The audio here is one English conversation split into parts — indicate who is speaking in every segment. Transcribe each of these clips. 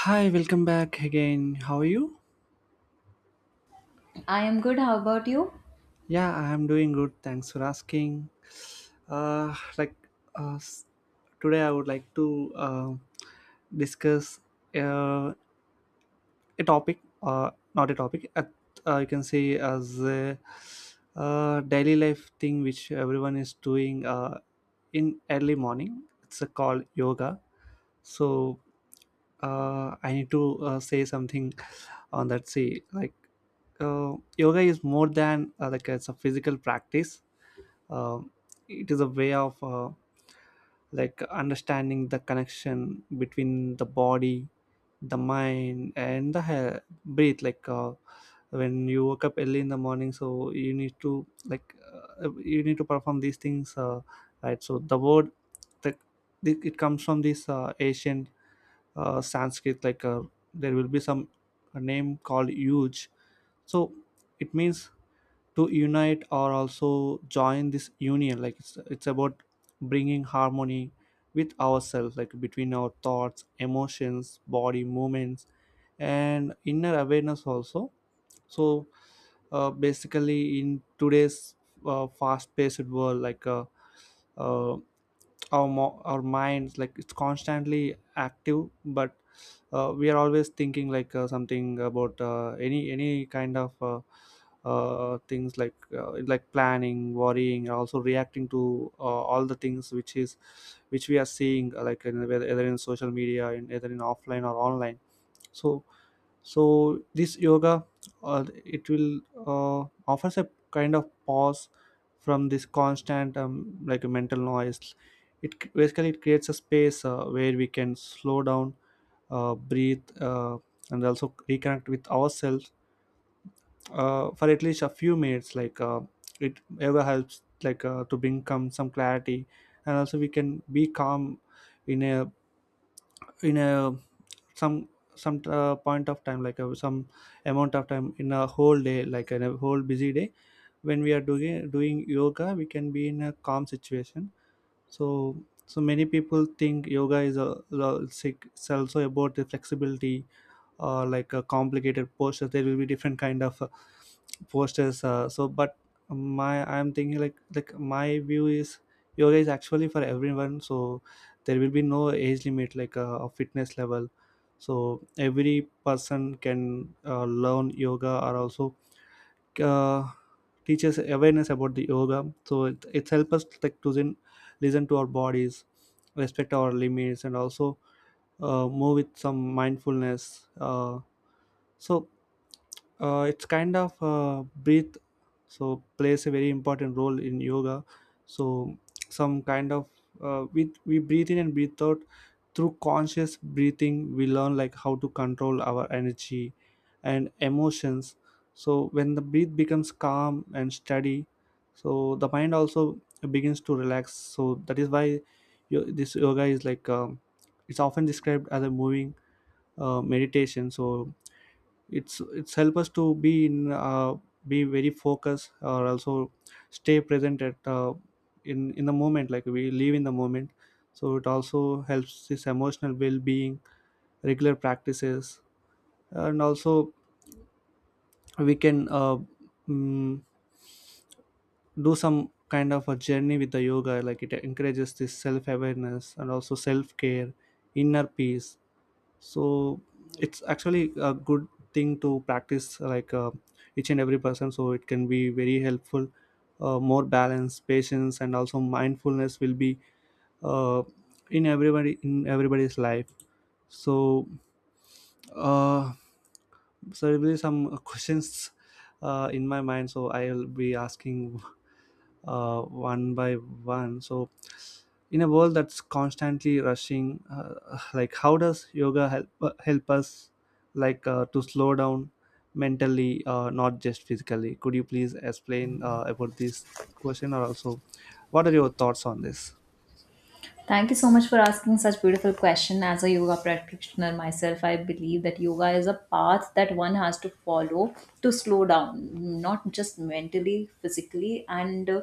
Speaker 1: Hi, welcome back again. How are you?
Speaker 2: I am good. How about you?
Speaker 1: Yeah, I am doing good. Thanks for asking. Uh, like uh, s- Today, I would like to discuss uh, a topic, not a topic. You can say as a daily life thing which everyone is doing in early morning. It's called yoga. So I need to say something on that. See, like, yoga is more than it's a physical practice. Um it is a way of like understanding the connection between the body, the mind, and the hair, breath. Like, when you woke up early in the morning, so you need to like, you need to perform these things, right? So the word that it comes from this ancient Sanskrit. Like, there will be some a name called Yuj. So it means to unite or also join this union, like it's about bringing harmony with ourselves, like between our thoughts, emotions, body movements, and inner awareness also. So basically, in today's fast paced world, like, uh, our minds, like it's constantly active, but we are always thinking, like something about any kind of things, like planning, worrying, and also reacting to all the things which we are seeing, like whether either in social media, in either in offline or online. So so this yoga it will uh, offers a kind of pause from this constant like a mental noise. Basically, it creates a space where we can slow down, breathe, and also reconnect with ourselves for at least a few minutes. Like, it ever helps, like, to bring come some clarity, and also we can be calm in a in a some some point of time, like, some amount of time in a whole day, like in a whole busy day, when we are doing yoga, we can be in a calm situation. So so many people think yoga is it's also about the flexibility or like complicated posters. There will be different kind of posters, so. But my I'm thinking like my view is yoga is actually for everyone. So there will be no age limit, like, a fitness level. So every person can learn yoga, or also uh, teaches awareness about the yoga. So it helps us, like, to then listen to our bodies, respect our limits, and also move with some mindfulness, so, it's kind of breath. So plays a very important role in yoga. So some kind of, uh, we breathe in and breathe out. Through conscious breathing, we learn, like, how to control our energy and emotions. So when the breath becomes calm and steady, so the mind also begins to relax. So that is why this yoga is, like, it's often described as a moving meditation. So it's help us to be in, be very focused, or also stay present at, uh, in the moment, like we live in the moment. So it also helps this emotional well-being, regular practices, and also we can, mm, do some kind of a journey with the yoga, like it encourages this self-awareness and also self-care, inner peace. So it's actually a good thing to practice, like, each and every person. So it can be very helpful. Uh, more balance, patience, and also mindfulness will be, uh, in everybody, in everybody's life. So uh, so there will be some questions in my mind. So I'll be asking one by one. So in a world that's constantly rushing, like, how does yoga help, help us, like, to slow down mentally, not just physically? Could you please explain about this question? Or also, what are your thoughts on this?
Speaker 2: Thank you so much for asking such beautiful question. As a yoga practitioner myself, I believe that yoga is a path that one has to follow to slow down, not just mentally, physically, and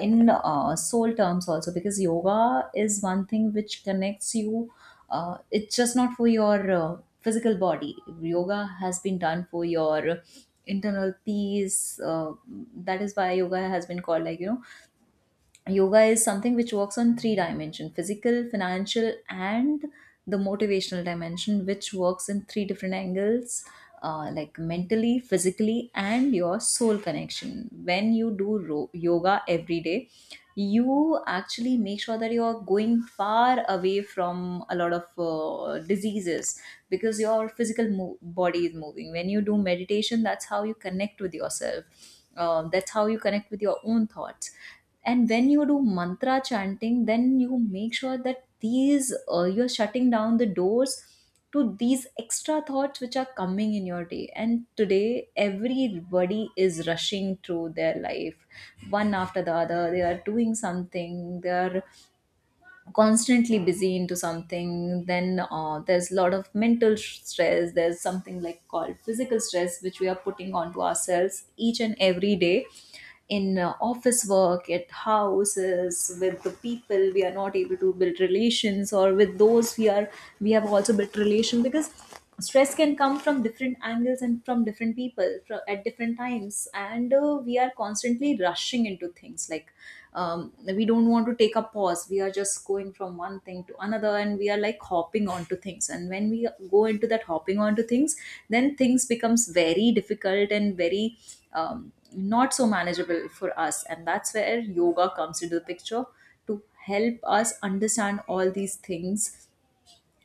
Speaker 2: in soul terms also, because yoga is one thing which connects you. It's just not for your physical body. Yoga has been done for your internal peace. That is why yoga has been called, like, you know, yoga is something which works on three dimension, physical, financial, and the motivational dimension, which works in three different angles, like mentally, physically, and your soul connection. When you do yoga every day, you actually make sure that you are going far away from a lot of diseases, because your physical body is moving. When you do meditation, that's how you connect with yourself. That's how you connect with your own thoughts. And when you do mantra chanting, then you make sure that these you're shutting down the doors to these extra thoughts which are coming in your day. And today everybody is rushing through their life, one after the other. They are doing something, they are constantly busy into something. Then there's a lot of mental stress, there's something like called physical stress, which we are putting onto ourselves each and every day, in office work, at houses, with the people. We are not able to build relations, or with those we are, we have also built relation, because stress can come from different angles and from different people at different times. And we are constantly rushing into things. Like, we don't want to take a pause, we are just going from one thing to another, and we are like hopping onto things. And when we go into that hopping onto things, then things becomes very difficult and very not so manageable for us, and that's where yoga comes into the picture to help us understand all these things,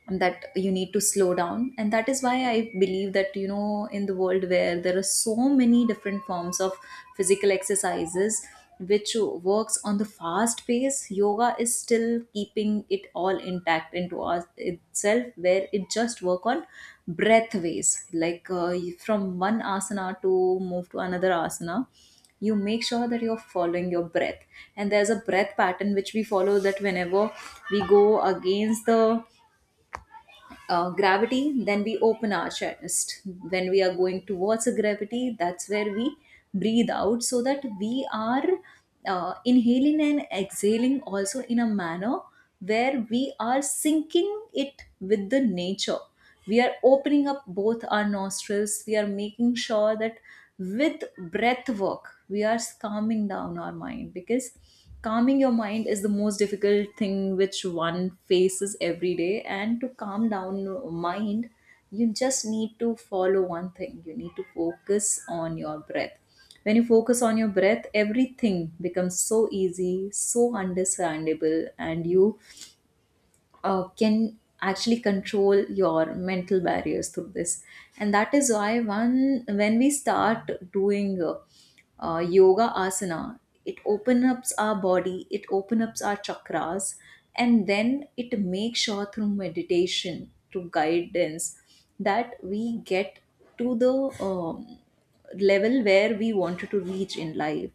Speaker 2: that you need to slow down. And that is why I believe that, you know, in the world where there are so many different forms of physical exercises which works on the fast pace, yoga is still keeping it all intact into us itself, where it just work on breath ways, like from one asana to move to another asana, you make sure that you're following your breath. And there's a breath pattern which we follow, that whenever we go against the gravity, then we open our chest. When we are going towards a gravity, that's where we breathe out, so that we are inhaling and exhaling also in a manner where we are syncing it with the nature. We are opening up both our nostrils, we are making sure that with breath work we are calming down our mind, because calming your mind is the most difficult thing which one faces every day. And to calm down your mind, you just need to follow one thing: you need to focus on your breath. When you focus on your breath, everything becomes so easy, so understandable, and you can actually control your mental barriers through this. And that is why, one when we start doing yoga asana, it opens up our body, it opens up our chakras, and then it makes sure, through meditation, through guidance, that we get to the um, level where we wanted to reach in life.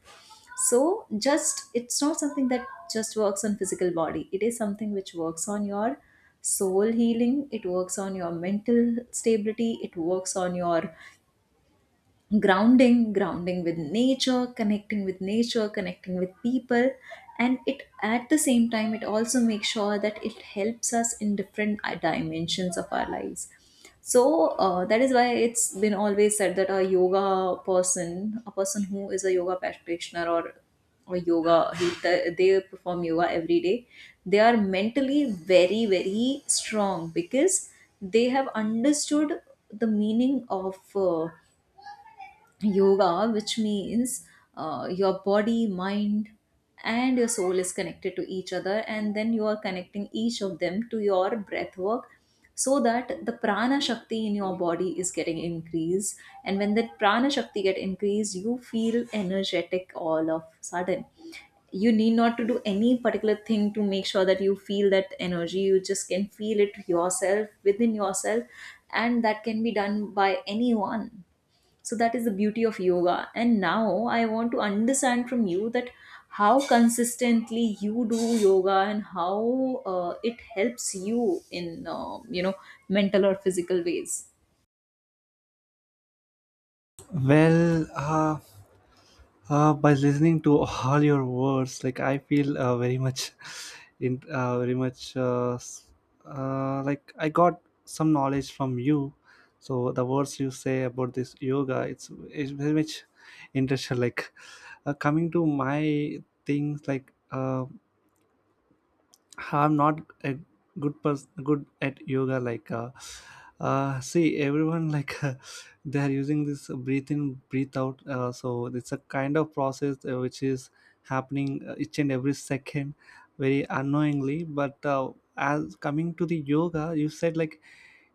Speaker 2: So just it's not something that just works on physical body, it is something which works on your soul healing, it works on your mental stability, it works on your grounding with nature, connecting with nature, connecting with people. And it, at the same time, it also makes sure that it helps us in different dimensions of our lives. So that is why it's been always said that a yoga person, a person who is a yoga practitioner, or yoga he, they perform yoga every day, they are mentally very very strong, because they have understood the meaning of yoga, which means your body, mind, and your soul is connected to each other, and then you are connecting each of them to your breath work, so that the prana shakti in your body is getting increased. And when that prana shakti get increased, you feel energetic all of sudden. You need not to do any particular thing to make sure that you feel that energy, you just can feel it yourself within yourself, and that can be done by anyone. So that is the beauty of yoga. And now I want to understand from you that how consistently you do yoga, and how it helps you in, you know, mental or physical ways.
Speaker 1: Well, by listening to all your words, like, I feel very much, in, very much, like, I got some knowledge from you. So the words you say about this yoga, it's very much interesting. Like, coming to my things, like, I'm not a good person, good at yoga. Like, see, everyone, like, they are using this breathe in, breathe out. So it's a kind of process which is happening, each and every second, very unknowingly. But as coming to the yoga, you said, like,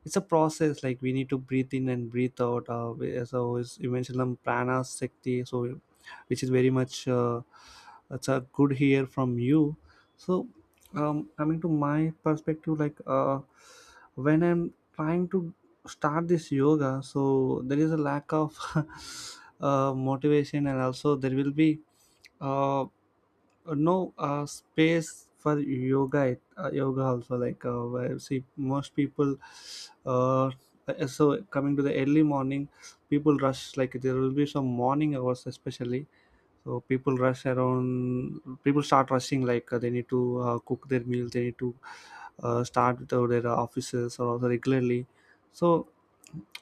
Speaker 1: it's a process, like, we need to breathe in and breathe out, so is you mentioned the prana shakti. So which is very much, it's a good hear from you. So coming to my perspective, like, when I'm trying to start this yoga, so there is a lack of motivation, and also there will be uh, no space for yoga. Yoga also, like, where, see, most people uh, so coming to the early morning, people rush, like, there will be some morning hours especially. So people rush around, people start rushing, like, they need to cook their meals, they need to start with their offices, or also regularly. So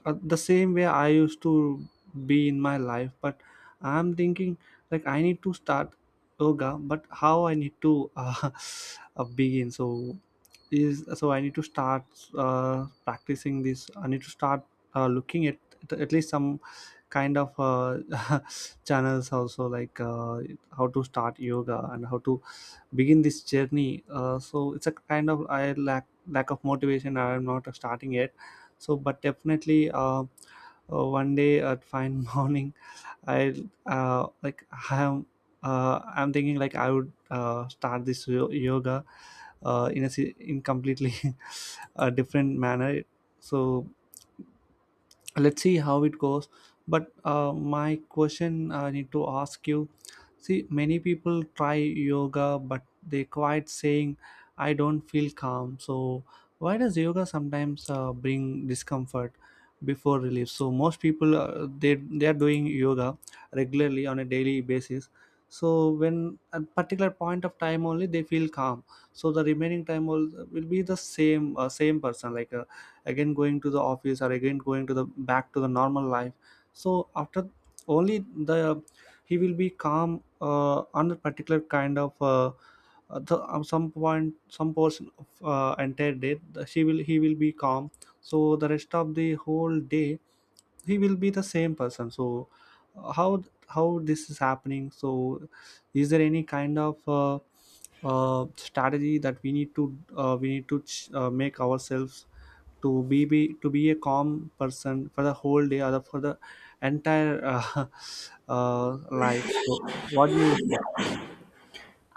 Speaker 1: the same way I used to be in my life. But I'm thinking, like, I need to start yoga, but how I need to, begin. So is so I need to start practicing this, I need to start looking at least some kind of channels also, like, how to start yoga and how to begin this journey, so it's a kind of I lack of motivation, I'm not starting yet. So but definitely one day at fine morning, I like I am I'm thinking, like, I would start this yoga uh, in completely a different manner. So let's see how it goes. But, my question I need to ask you. See, many people try yoga, but they quite saying, "I don't feel calm." So why does yoga sometimes bring discomfort before relief? So most people, they are doing yoga regularly on a daily basis. So when, at particular point of time only, they feel calm. So the remaining time will be the same, same person, like, again going to the office, or again going to the back to the normal life. So after only the he will be calm, on a particular kind of, some point, some portion of, entire day, she will he will be calm. So the rest of the whole day he will be the same person. So uh, how this is happening? So is there any kind of strategy that we need to, we need to make ourselves to be a calm person for the whole day, or for the entire uh, life. So what do you say?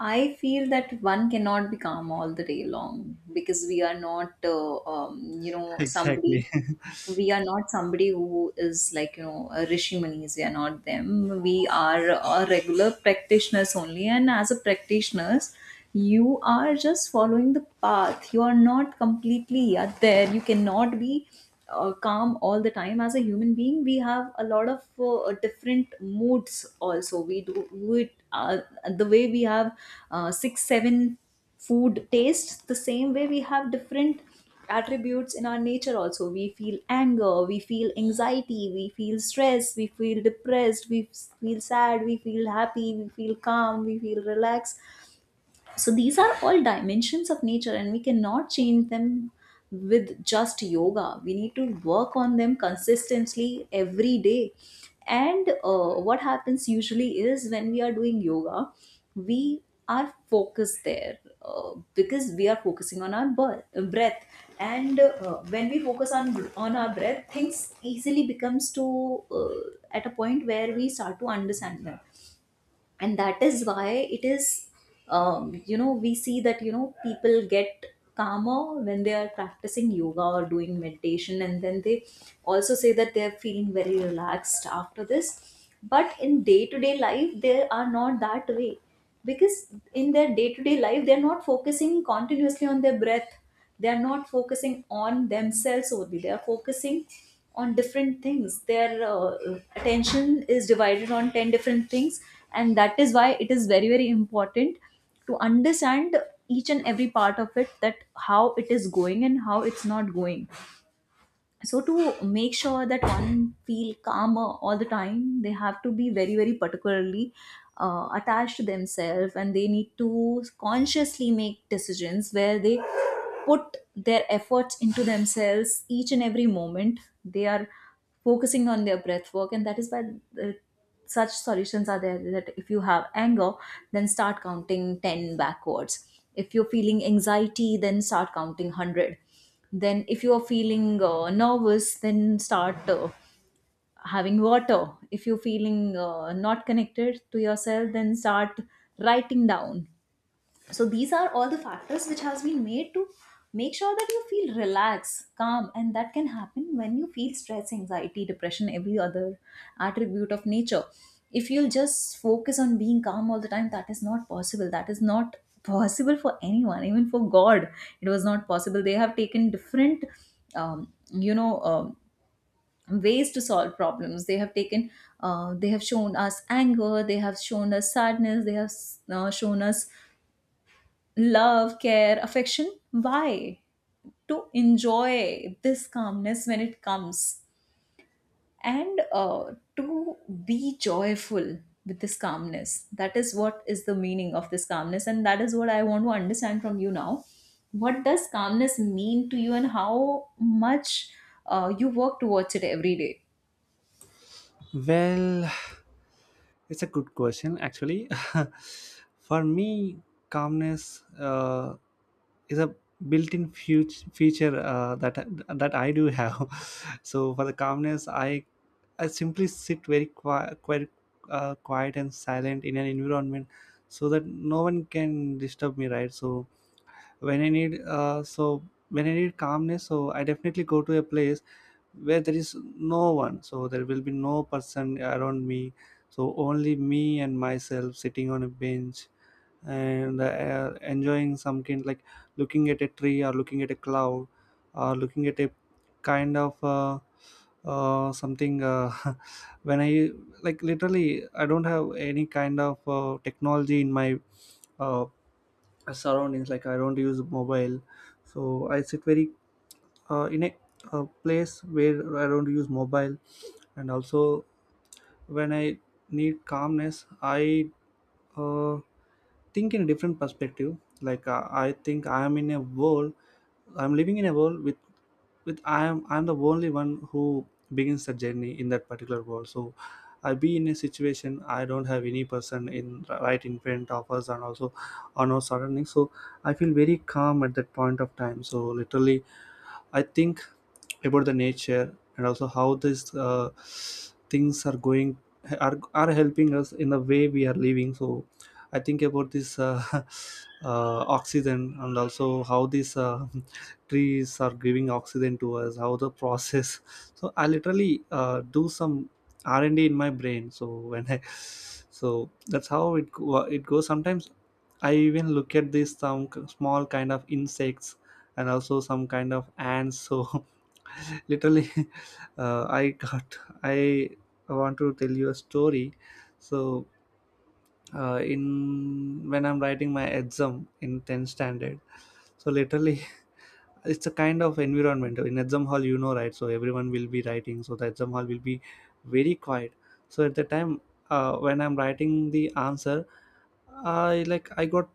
Speaker 2: I feel that one cannot be calm all the day long, because we are not, you know, somebody.
Speaker 1: Exactly.
Speaker 2: We are not somebody who is like, you know, a rishi munis. We are not them. We are regular practitioners only, and as a practitioners, you are just following the path, you are not completely yet there. You cannot be calm all the time. As a human being, we have a lot of different moods also. We do it the way we have six seven food tastes. The same way, we have different attributes in our nature also. We feel anger, we feel anxiety, we feel stress, we feel depressed, we feel sad, we feel happy, we feel calm, we feel relaxed. So these are all dimensions of nature, and we cannot change them with just yoga. We need to work on them consistently every day. And what happens usually is, when we are doing yoga, we are focused there, because we are focusing on our breath. And when we focus on our breath, things easily becomes to at a point where we start to understand them. And that is why it is, you know, we see that, you know, people get calmer when they are practicing yoga or doing meditation, and then they also say that they are feeling very relaxed after this, but in day to day life they are not that way, because in their day-to-day life they're not focusing continuously on their breath, they're not focusing on themselves only, they're focusing on different things. Their attention is divided on 10 different things. And that is why it is very very important to understand each and every part of it, that how it is going and how it's not going. So to make sure that one feel calmer all the time, they have to be very very particularly attached to themselves, and they need to consciously make decisions where they put their efforts into themselves each and every moment, they are focusing on their breath work. And that is why uh, such solutions are there, that if you have anger, then start counting 10 backwards; if you're feeling anxiety, then start counting 100; then if you are feeling nervous, then start having water; if you're feeling not connected to yourself, then start writing down. So these are all the factors which has been made to make sure that you feel relaxed, calm, and that can happen when you feel stress, anxiety, depression, every other attribute of nature. If you'll just focus on being calm all the time, that is not possible. That is not possible for anyone, even for God. It was not possible. They have taken different, you know, ways to solve problems. They have taken, they have shown us anger. They have shown us sadness. They have shown us love, care, affection. Why? To enjoy this calmness when it comes, and to be joyful with this calmness. That is what is the meaning of this calmness, and that is what I want to understand from you now. What does calmness mean to you, and how much you work towards it every day?
Speaker 1: Well, it's a good question actually. For me, calmness, is a built-in feature uh, that I do have. So for the calmness, I simply sit very quiet and silent in an environment so that no one can disturb me, right? So when I need, so when I need calmness, so I definitely go to a place where there is no one, so there will be no person around me. So only me and myself sitting on a bench and enjoying some kind, like looking at a tree, or looking at a cloud, or looking at a kind of. Something when I like literally I don't have any kind of technology in my uh surroundings, like I don't use mobile. So I sit very in a place where I don't use mobile. And also when I need calmness, I uh, think in a different perspective. Like, I think I am in a world, I'm living in a world with I'm the only one who begins the journey in that particular world. So I be in a situation, I don't have any person in right in front of us, and also on our surroundings. So I feel very calm at that point of time. So literally I think about the nature, and also how these things are going are helping us in the way we are living. So I think about this oxygen, and also how these trees are giving oxygen to us, how the process. So I literally do some r&d in my brain. So when I So that's how it goes sometimes. I even look at these some small kind of insects, and also some kind of ants. So literally I got I want to tell you a story. So in when I'm writing my exam in 10th standard, so literally it's a kind of environment in exam hall, you know, right? So everyone will be writing, so the exam hall will be very quiet. So at the time when I'm writing the answer, I got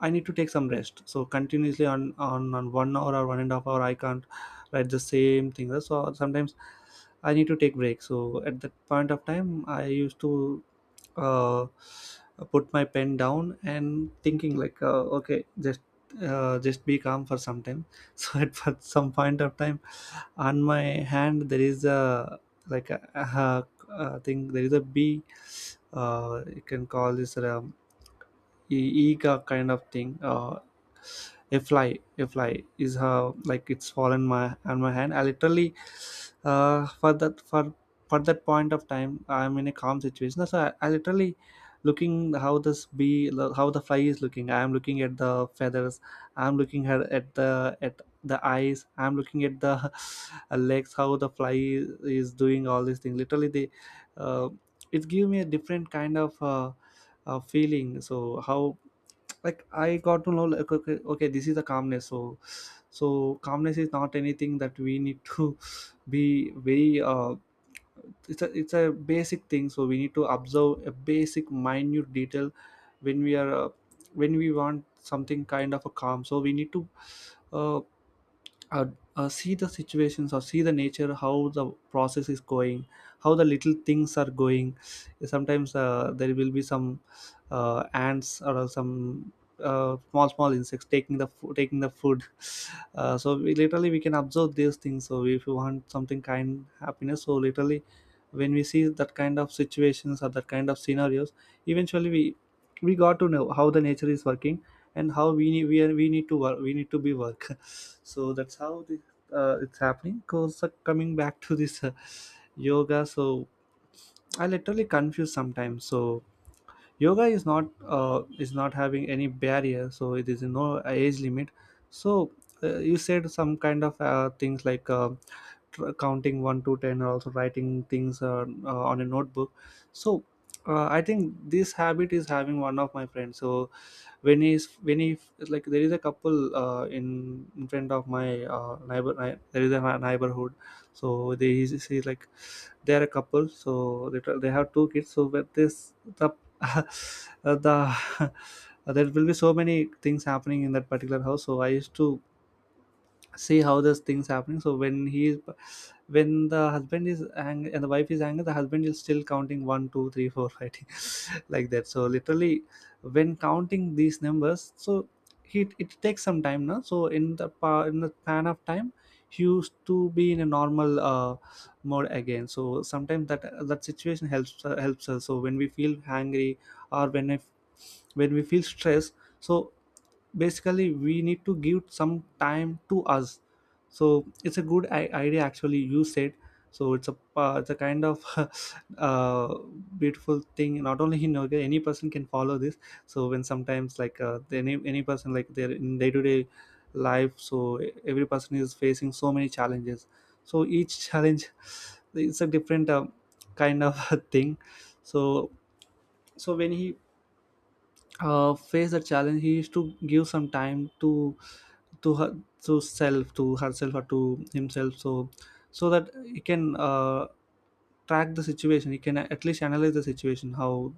Speaker 1: I need to take some rest. So continuously on 1 hour or one and a half hour I can't write the same thing. So sometimes I need to take break. So at that point of time I used to uh, put my pen down and thinking like, okay, just be calm for some time. So at some point of time, on my hand there is a like a thing, there is a bee. You can call this a ega kind of thing. A fly, a fly, is how like it's fallen my on my hand. I literally uh, for that for for that point of time I'm in a calm situation. So I literally looking how this bee, how the fly is looking. I'm looking at the feathers, I'm looking at, at the eyes, I'm looking at the legs, how the fly is doing all these things. Literally they uh, it give me a different kind of feeling. So how like I got to know like, okay, this is the calmness. So so calmness is not anything that we need to be very it's a basic thing. So we need to observe a basic minute detail when we are when we want something kind of a calm. So we need to uh, uh, see the situations or see the nature, how the process is going, how the little things are going. Sometimes there will be some ants or some small small insects taking the taking the food. So we literally we can observe these things. So if you want something kind happiness, so literally when we see that kind of situations or that kind of scenarios, eventually we got to know how the nature is working, and how we need we need to work, we need to be work. So that's how it's happening. Because coming back to this yoga, so I literally confuse sometimes. So yoga is not having any barrier, so it is no age limit. So you said some kind of things like, counting 1 to 10 or also writing things on a notebook. So I think this habit is having one of my friends. So when he like, there is a couple in front of my there is a neighborhood. So they is like, they are a couple. So they have two kids. So with this the uh, the there will be so many things happening in that particular house. So I used to see how this thing's happening. So when the husband is angry and the wife is angry, the husband is still counting 1 2 3 4 5. Like that. So literally when counting these numbers, so he it takes some time now. So in the in the span of time, he used to be in a normal mode again. So sometimes that that situation helps helps us. So when we feel angry, or when if when we feel stressed, so basically we need to give some time to us. So it's a good idea actually you said. So it's a kind of uh, beautiful thing, not only in yoga, any person can follow this. So when sometimes like, any person like they're in day-to-day life. So every person is facing so many challenges. So each challenge it's a different kind of thing. So so when he face a challenge, he used to give some time to her, to self, to herself, or to himself. So so that he can track the situation, he can at least analyze the situation,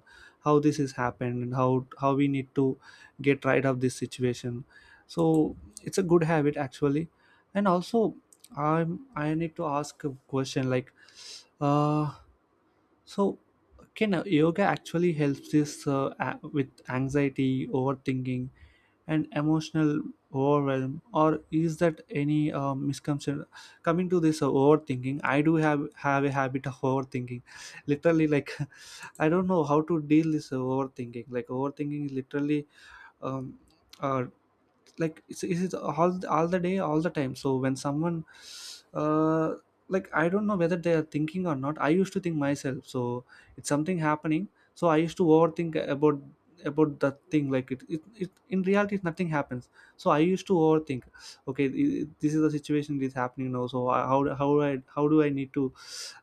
Speaker 1: how this has happened and how we need to get right of this situation. So it's a good habit actually. And also I'm I need to ask a question like, uh so can yoga actually helps this with anxiety, overthinking, and emotional overwhelm, or is that any misconception? Coming to this overthinking, I do have a habit of overthinking, literally. Like, I don't know how to deal this overthinking. Like, overthinking is literally um, uh, like it's all the day all the time. So when someone uh like I don't know whether they are thinking or not, I used to think myself. So it's something happening. So I used to overthink about that thing. Like it in reality nothing happens. So I used to overthink, okay this is the situation that is happening now. So How do I how do I need to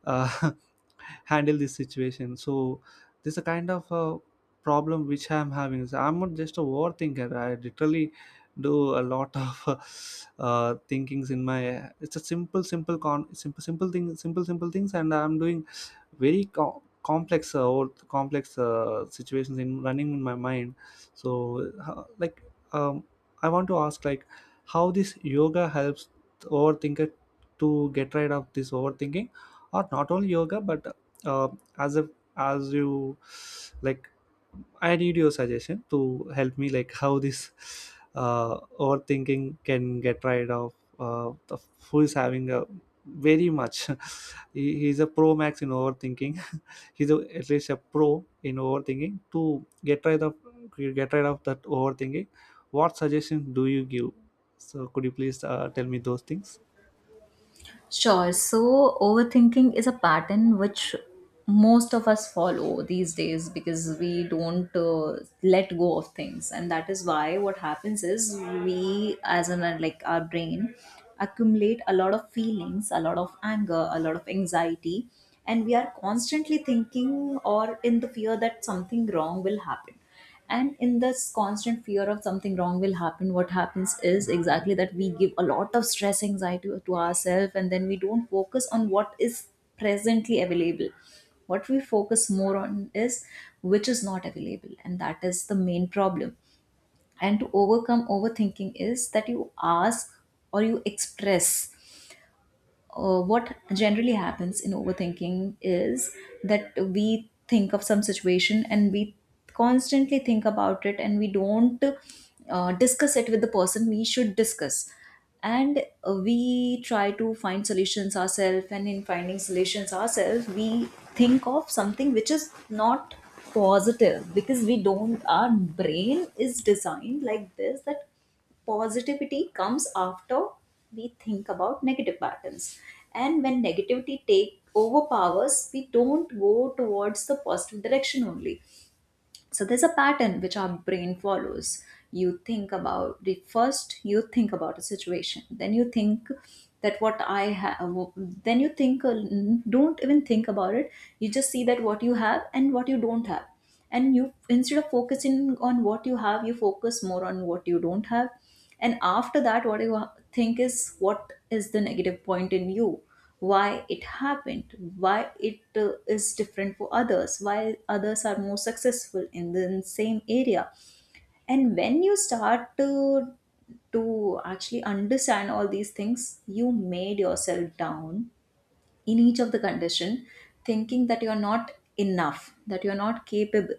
Speaker 1: uh, handle this situation? So this is a kind of problem which I'm having, is I'm not just a overthinker, I literally do a lot of thinkings in my, it's a simple con simple thing, simple things, and I'm doing very complex or complex situations in running in my mind. So like um, I want to ask like, how this yoga helps the overthinker to get rid of this overthinking? Or not only yoga but uh, as a as you like, I need your suggestion to help me, like how this overthinking can get rid of the who is having a very much. He's a pro max in overthinking. He's a, at least a pro in overthinking. To get rid of that overthinking, what suggestions do you give? So could you please tell me those things?
Speaker 2: Sure. So, overthinking is a pattern which most of us follow these days because we don't let go of things, and that is why what happens is we, as in like our brain, accumulate a lot of feelings, a lot of anger, a lot of anxiety, and we are constantly thinking or in the fear that something wrong will happen, and in this constant fear of something wrong will happen, what happens is exactly that we give a lot of stress anxiety to ourselves, and then we don't focus on what is presently available. What we focus more on is which is not available, and that is the main problem. And to overcome overthinking is that you ask or you express, what generally happens in overthinking is that we think of some situation and we constantly think about it and we don't discuss it with the person we should discuss. And we try to find solutions ourselves, and in finding solutions ourselves we think of something which is not positive, because we don't, our brain is designed like this, that positivity comes after we think about negative patterns. And when negativity take overpowers, we don't go towards the positive direction only. So there's a pattern which our brain follows. You think about the first, you think about a situation, then you think that what I have, then you think, don't even think about it. You just see that what you have and what you don't have, and you, instead of focusing on what you have, you focus more on what you don't have. And after that, what you think is what is the negative point in you, why it happened, why it is different for others, why others are more successful in the same area. And when you start to actually understand all these things, you made yourself down, in each of the condition, thinking that you are not enough, that you are not capable,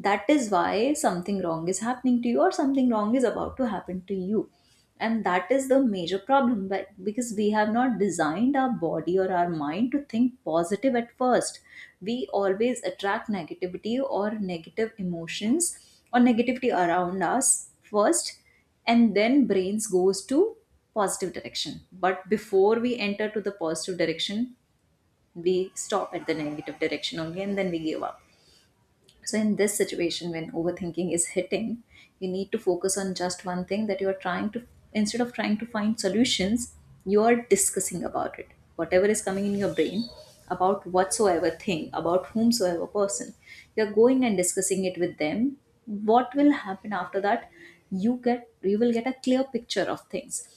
Speaker 2: that is why something wrong is happening to you or something wrong is about to happen to you. And that is the major problem, but because we have not designed our body or our mind to think positive at first, we always attract negativity or negative emotions or negativity around us first, and then brains goes to positive direction. But before we enter to the positive direction, we stop at the negative direction only and then we give up. So, in this situation, when overthinking is hitting, you need to focus on just one thing, that you are trying to, instead of trying to find solutions, you are discussing about it. Whatever is coming in your brain, about whatsoever thing, about whomsoever person, you're going and discussing it with them. What will happen after that? You will get a clear picture of things.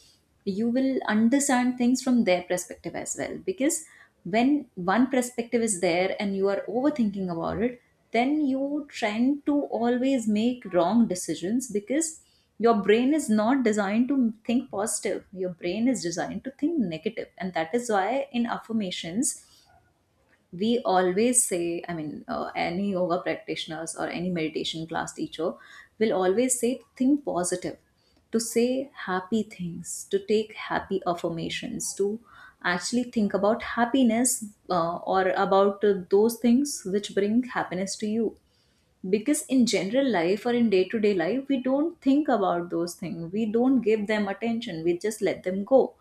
Speaker 2: You will understand things from their perspective as well, because when one perspective is there and you are overthinking about it, then you tend to always make wrong decisions, because your brain is not designed to think positive, your brain is designed to think negative. And that is why in affirmations we always say, I mean, any yoga practitioners or any meditation class teacher will always say, think positive, to say happy things, to take happy affirmations, to actually think about happiness, or about those things which bring happiness to you. Because in general life or in day to day life, we don't think about those things, we don't give them attention, we just let them go.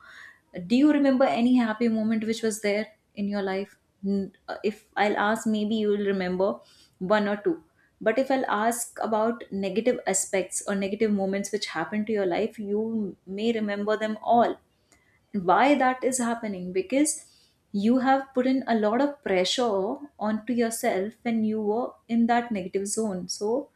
Speaker 2: Do you remember any happy moment which was there in your life? If I'll ask, maybe you will remember one or two. But if I'll ask about negative aspects or negative moments which happened to your life, you may remember them all. Why that is happening? Because you have put in a lot of pressure onto yourself when you were in that negative zone. So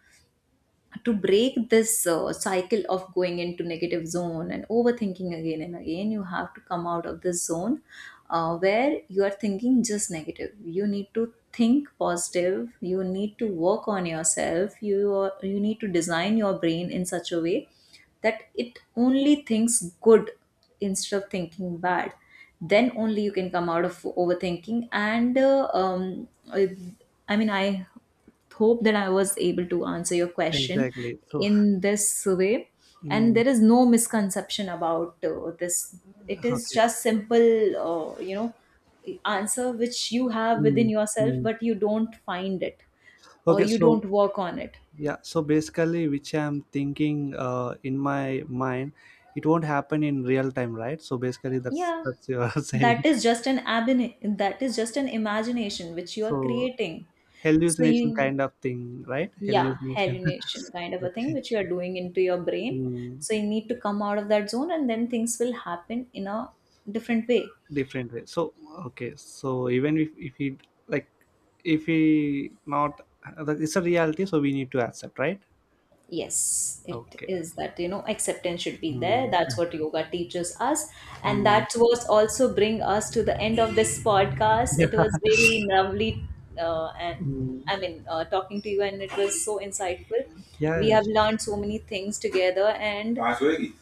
Speaker 2: to break this cycle of going into negative zone and overthinking again and again, you have to come out of this zone, where you are thinking just negative. You need to think positive, you need to work on yourself, you need to design your brain in such a way that it only thinks good instead of thinking bad. Then only you can come out of overthinking. And i I hope that I was able to answer your question
Speaker 1: Exactly. So,
Speaker 2: in this way. And
Speaker 1: mm,
Speaker 2: there is no misconception about this. It is
Speaker 1: okay.
Speaker 2: just simple, uh, you know, answer which you have within
Speaker 1: Mm,
Speaker 2: yourself,
Speaker 1: mm.
Speaker 2: but you don't find it or
Speaker 1: Okay.
Speaker 2: you
Speaker 1: So,
Speaker 2: don't work on it.
Speaker 1: yeah, so basically which I'm thinking in my mind, it won't happen in real time, right? So basically
Speaker 2: Yeah,
Speaker 1: that's you're
Speaker 2: that
Speaker 1: saying.
Speaker 2: is just an that is just an imagination which you are
Speaker 1: So
Speaker 2: creating. So
Speaker 1: hallucination
Speaker 2: you
Speaker 1: kind of thing, right?
Speaker 2: Yeah,
Speaker 1: Hallucination.
Speaker 2: hallucination kind of a thing
Speaker 1: Okay.
Speaker 2: which you are doing into your brain.
Speaker 1: Mm,
Speaker 2: So you need to come out of that zone and then things will happen in a different way.
Speaker 1: different way. So okay, so even if we like if we not like, it's a reality, so we need to accept, right?
Speaker 2: Yes, it
Speaker 1: Okay.
Speaker 2: is that, you know, acceptance should be there, that's
Speaker 1: Mm,
Speaker 2: what yoga teaches us. And
Speaker 1: mm.
Speaker 2: that was also bring us to the end of this podcast.
Speaker 1: Yeah.
Speaker 2: It was really lovely. uh, and
Speaker 1: Mm,
Speaker 2: i mean, talking to you, and it was so insightful.
Speaker 1: yeah,
Speaker 2: We
Speaker 1: yeah,
Speaker 2: have
Speaker 1: sure.
Speaker 2: learned so many things together. And absolutely,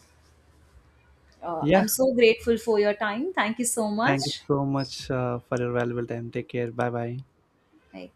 Speaker 1: Yeah.
Speaker 2: I'm so grateful for your time. Thank you so
Speaker 1: Thank you
Speaker 2: much
Speaker 1: so much for your valuable time. Take care, bye bye.
Speaker 2: like.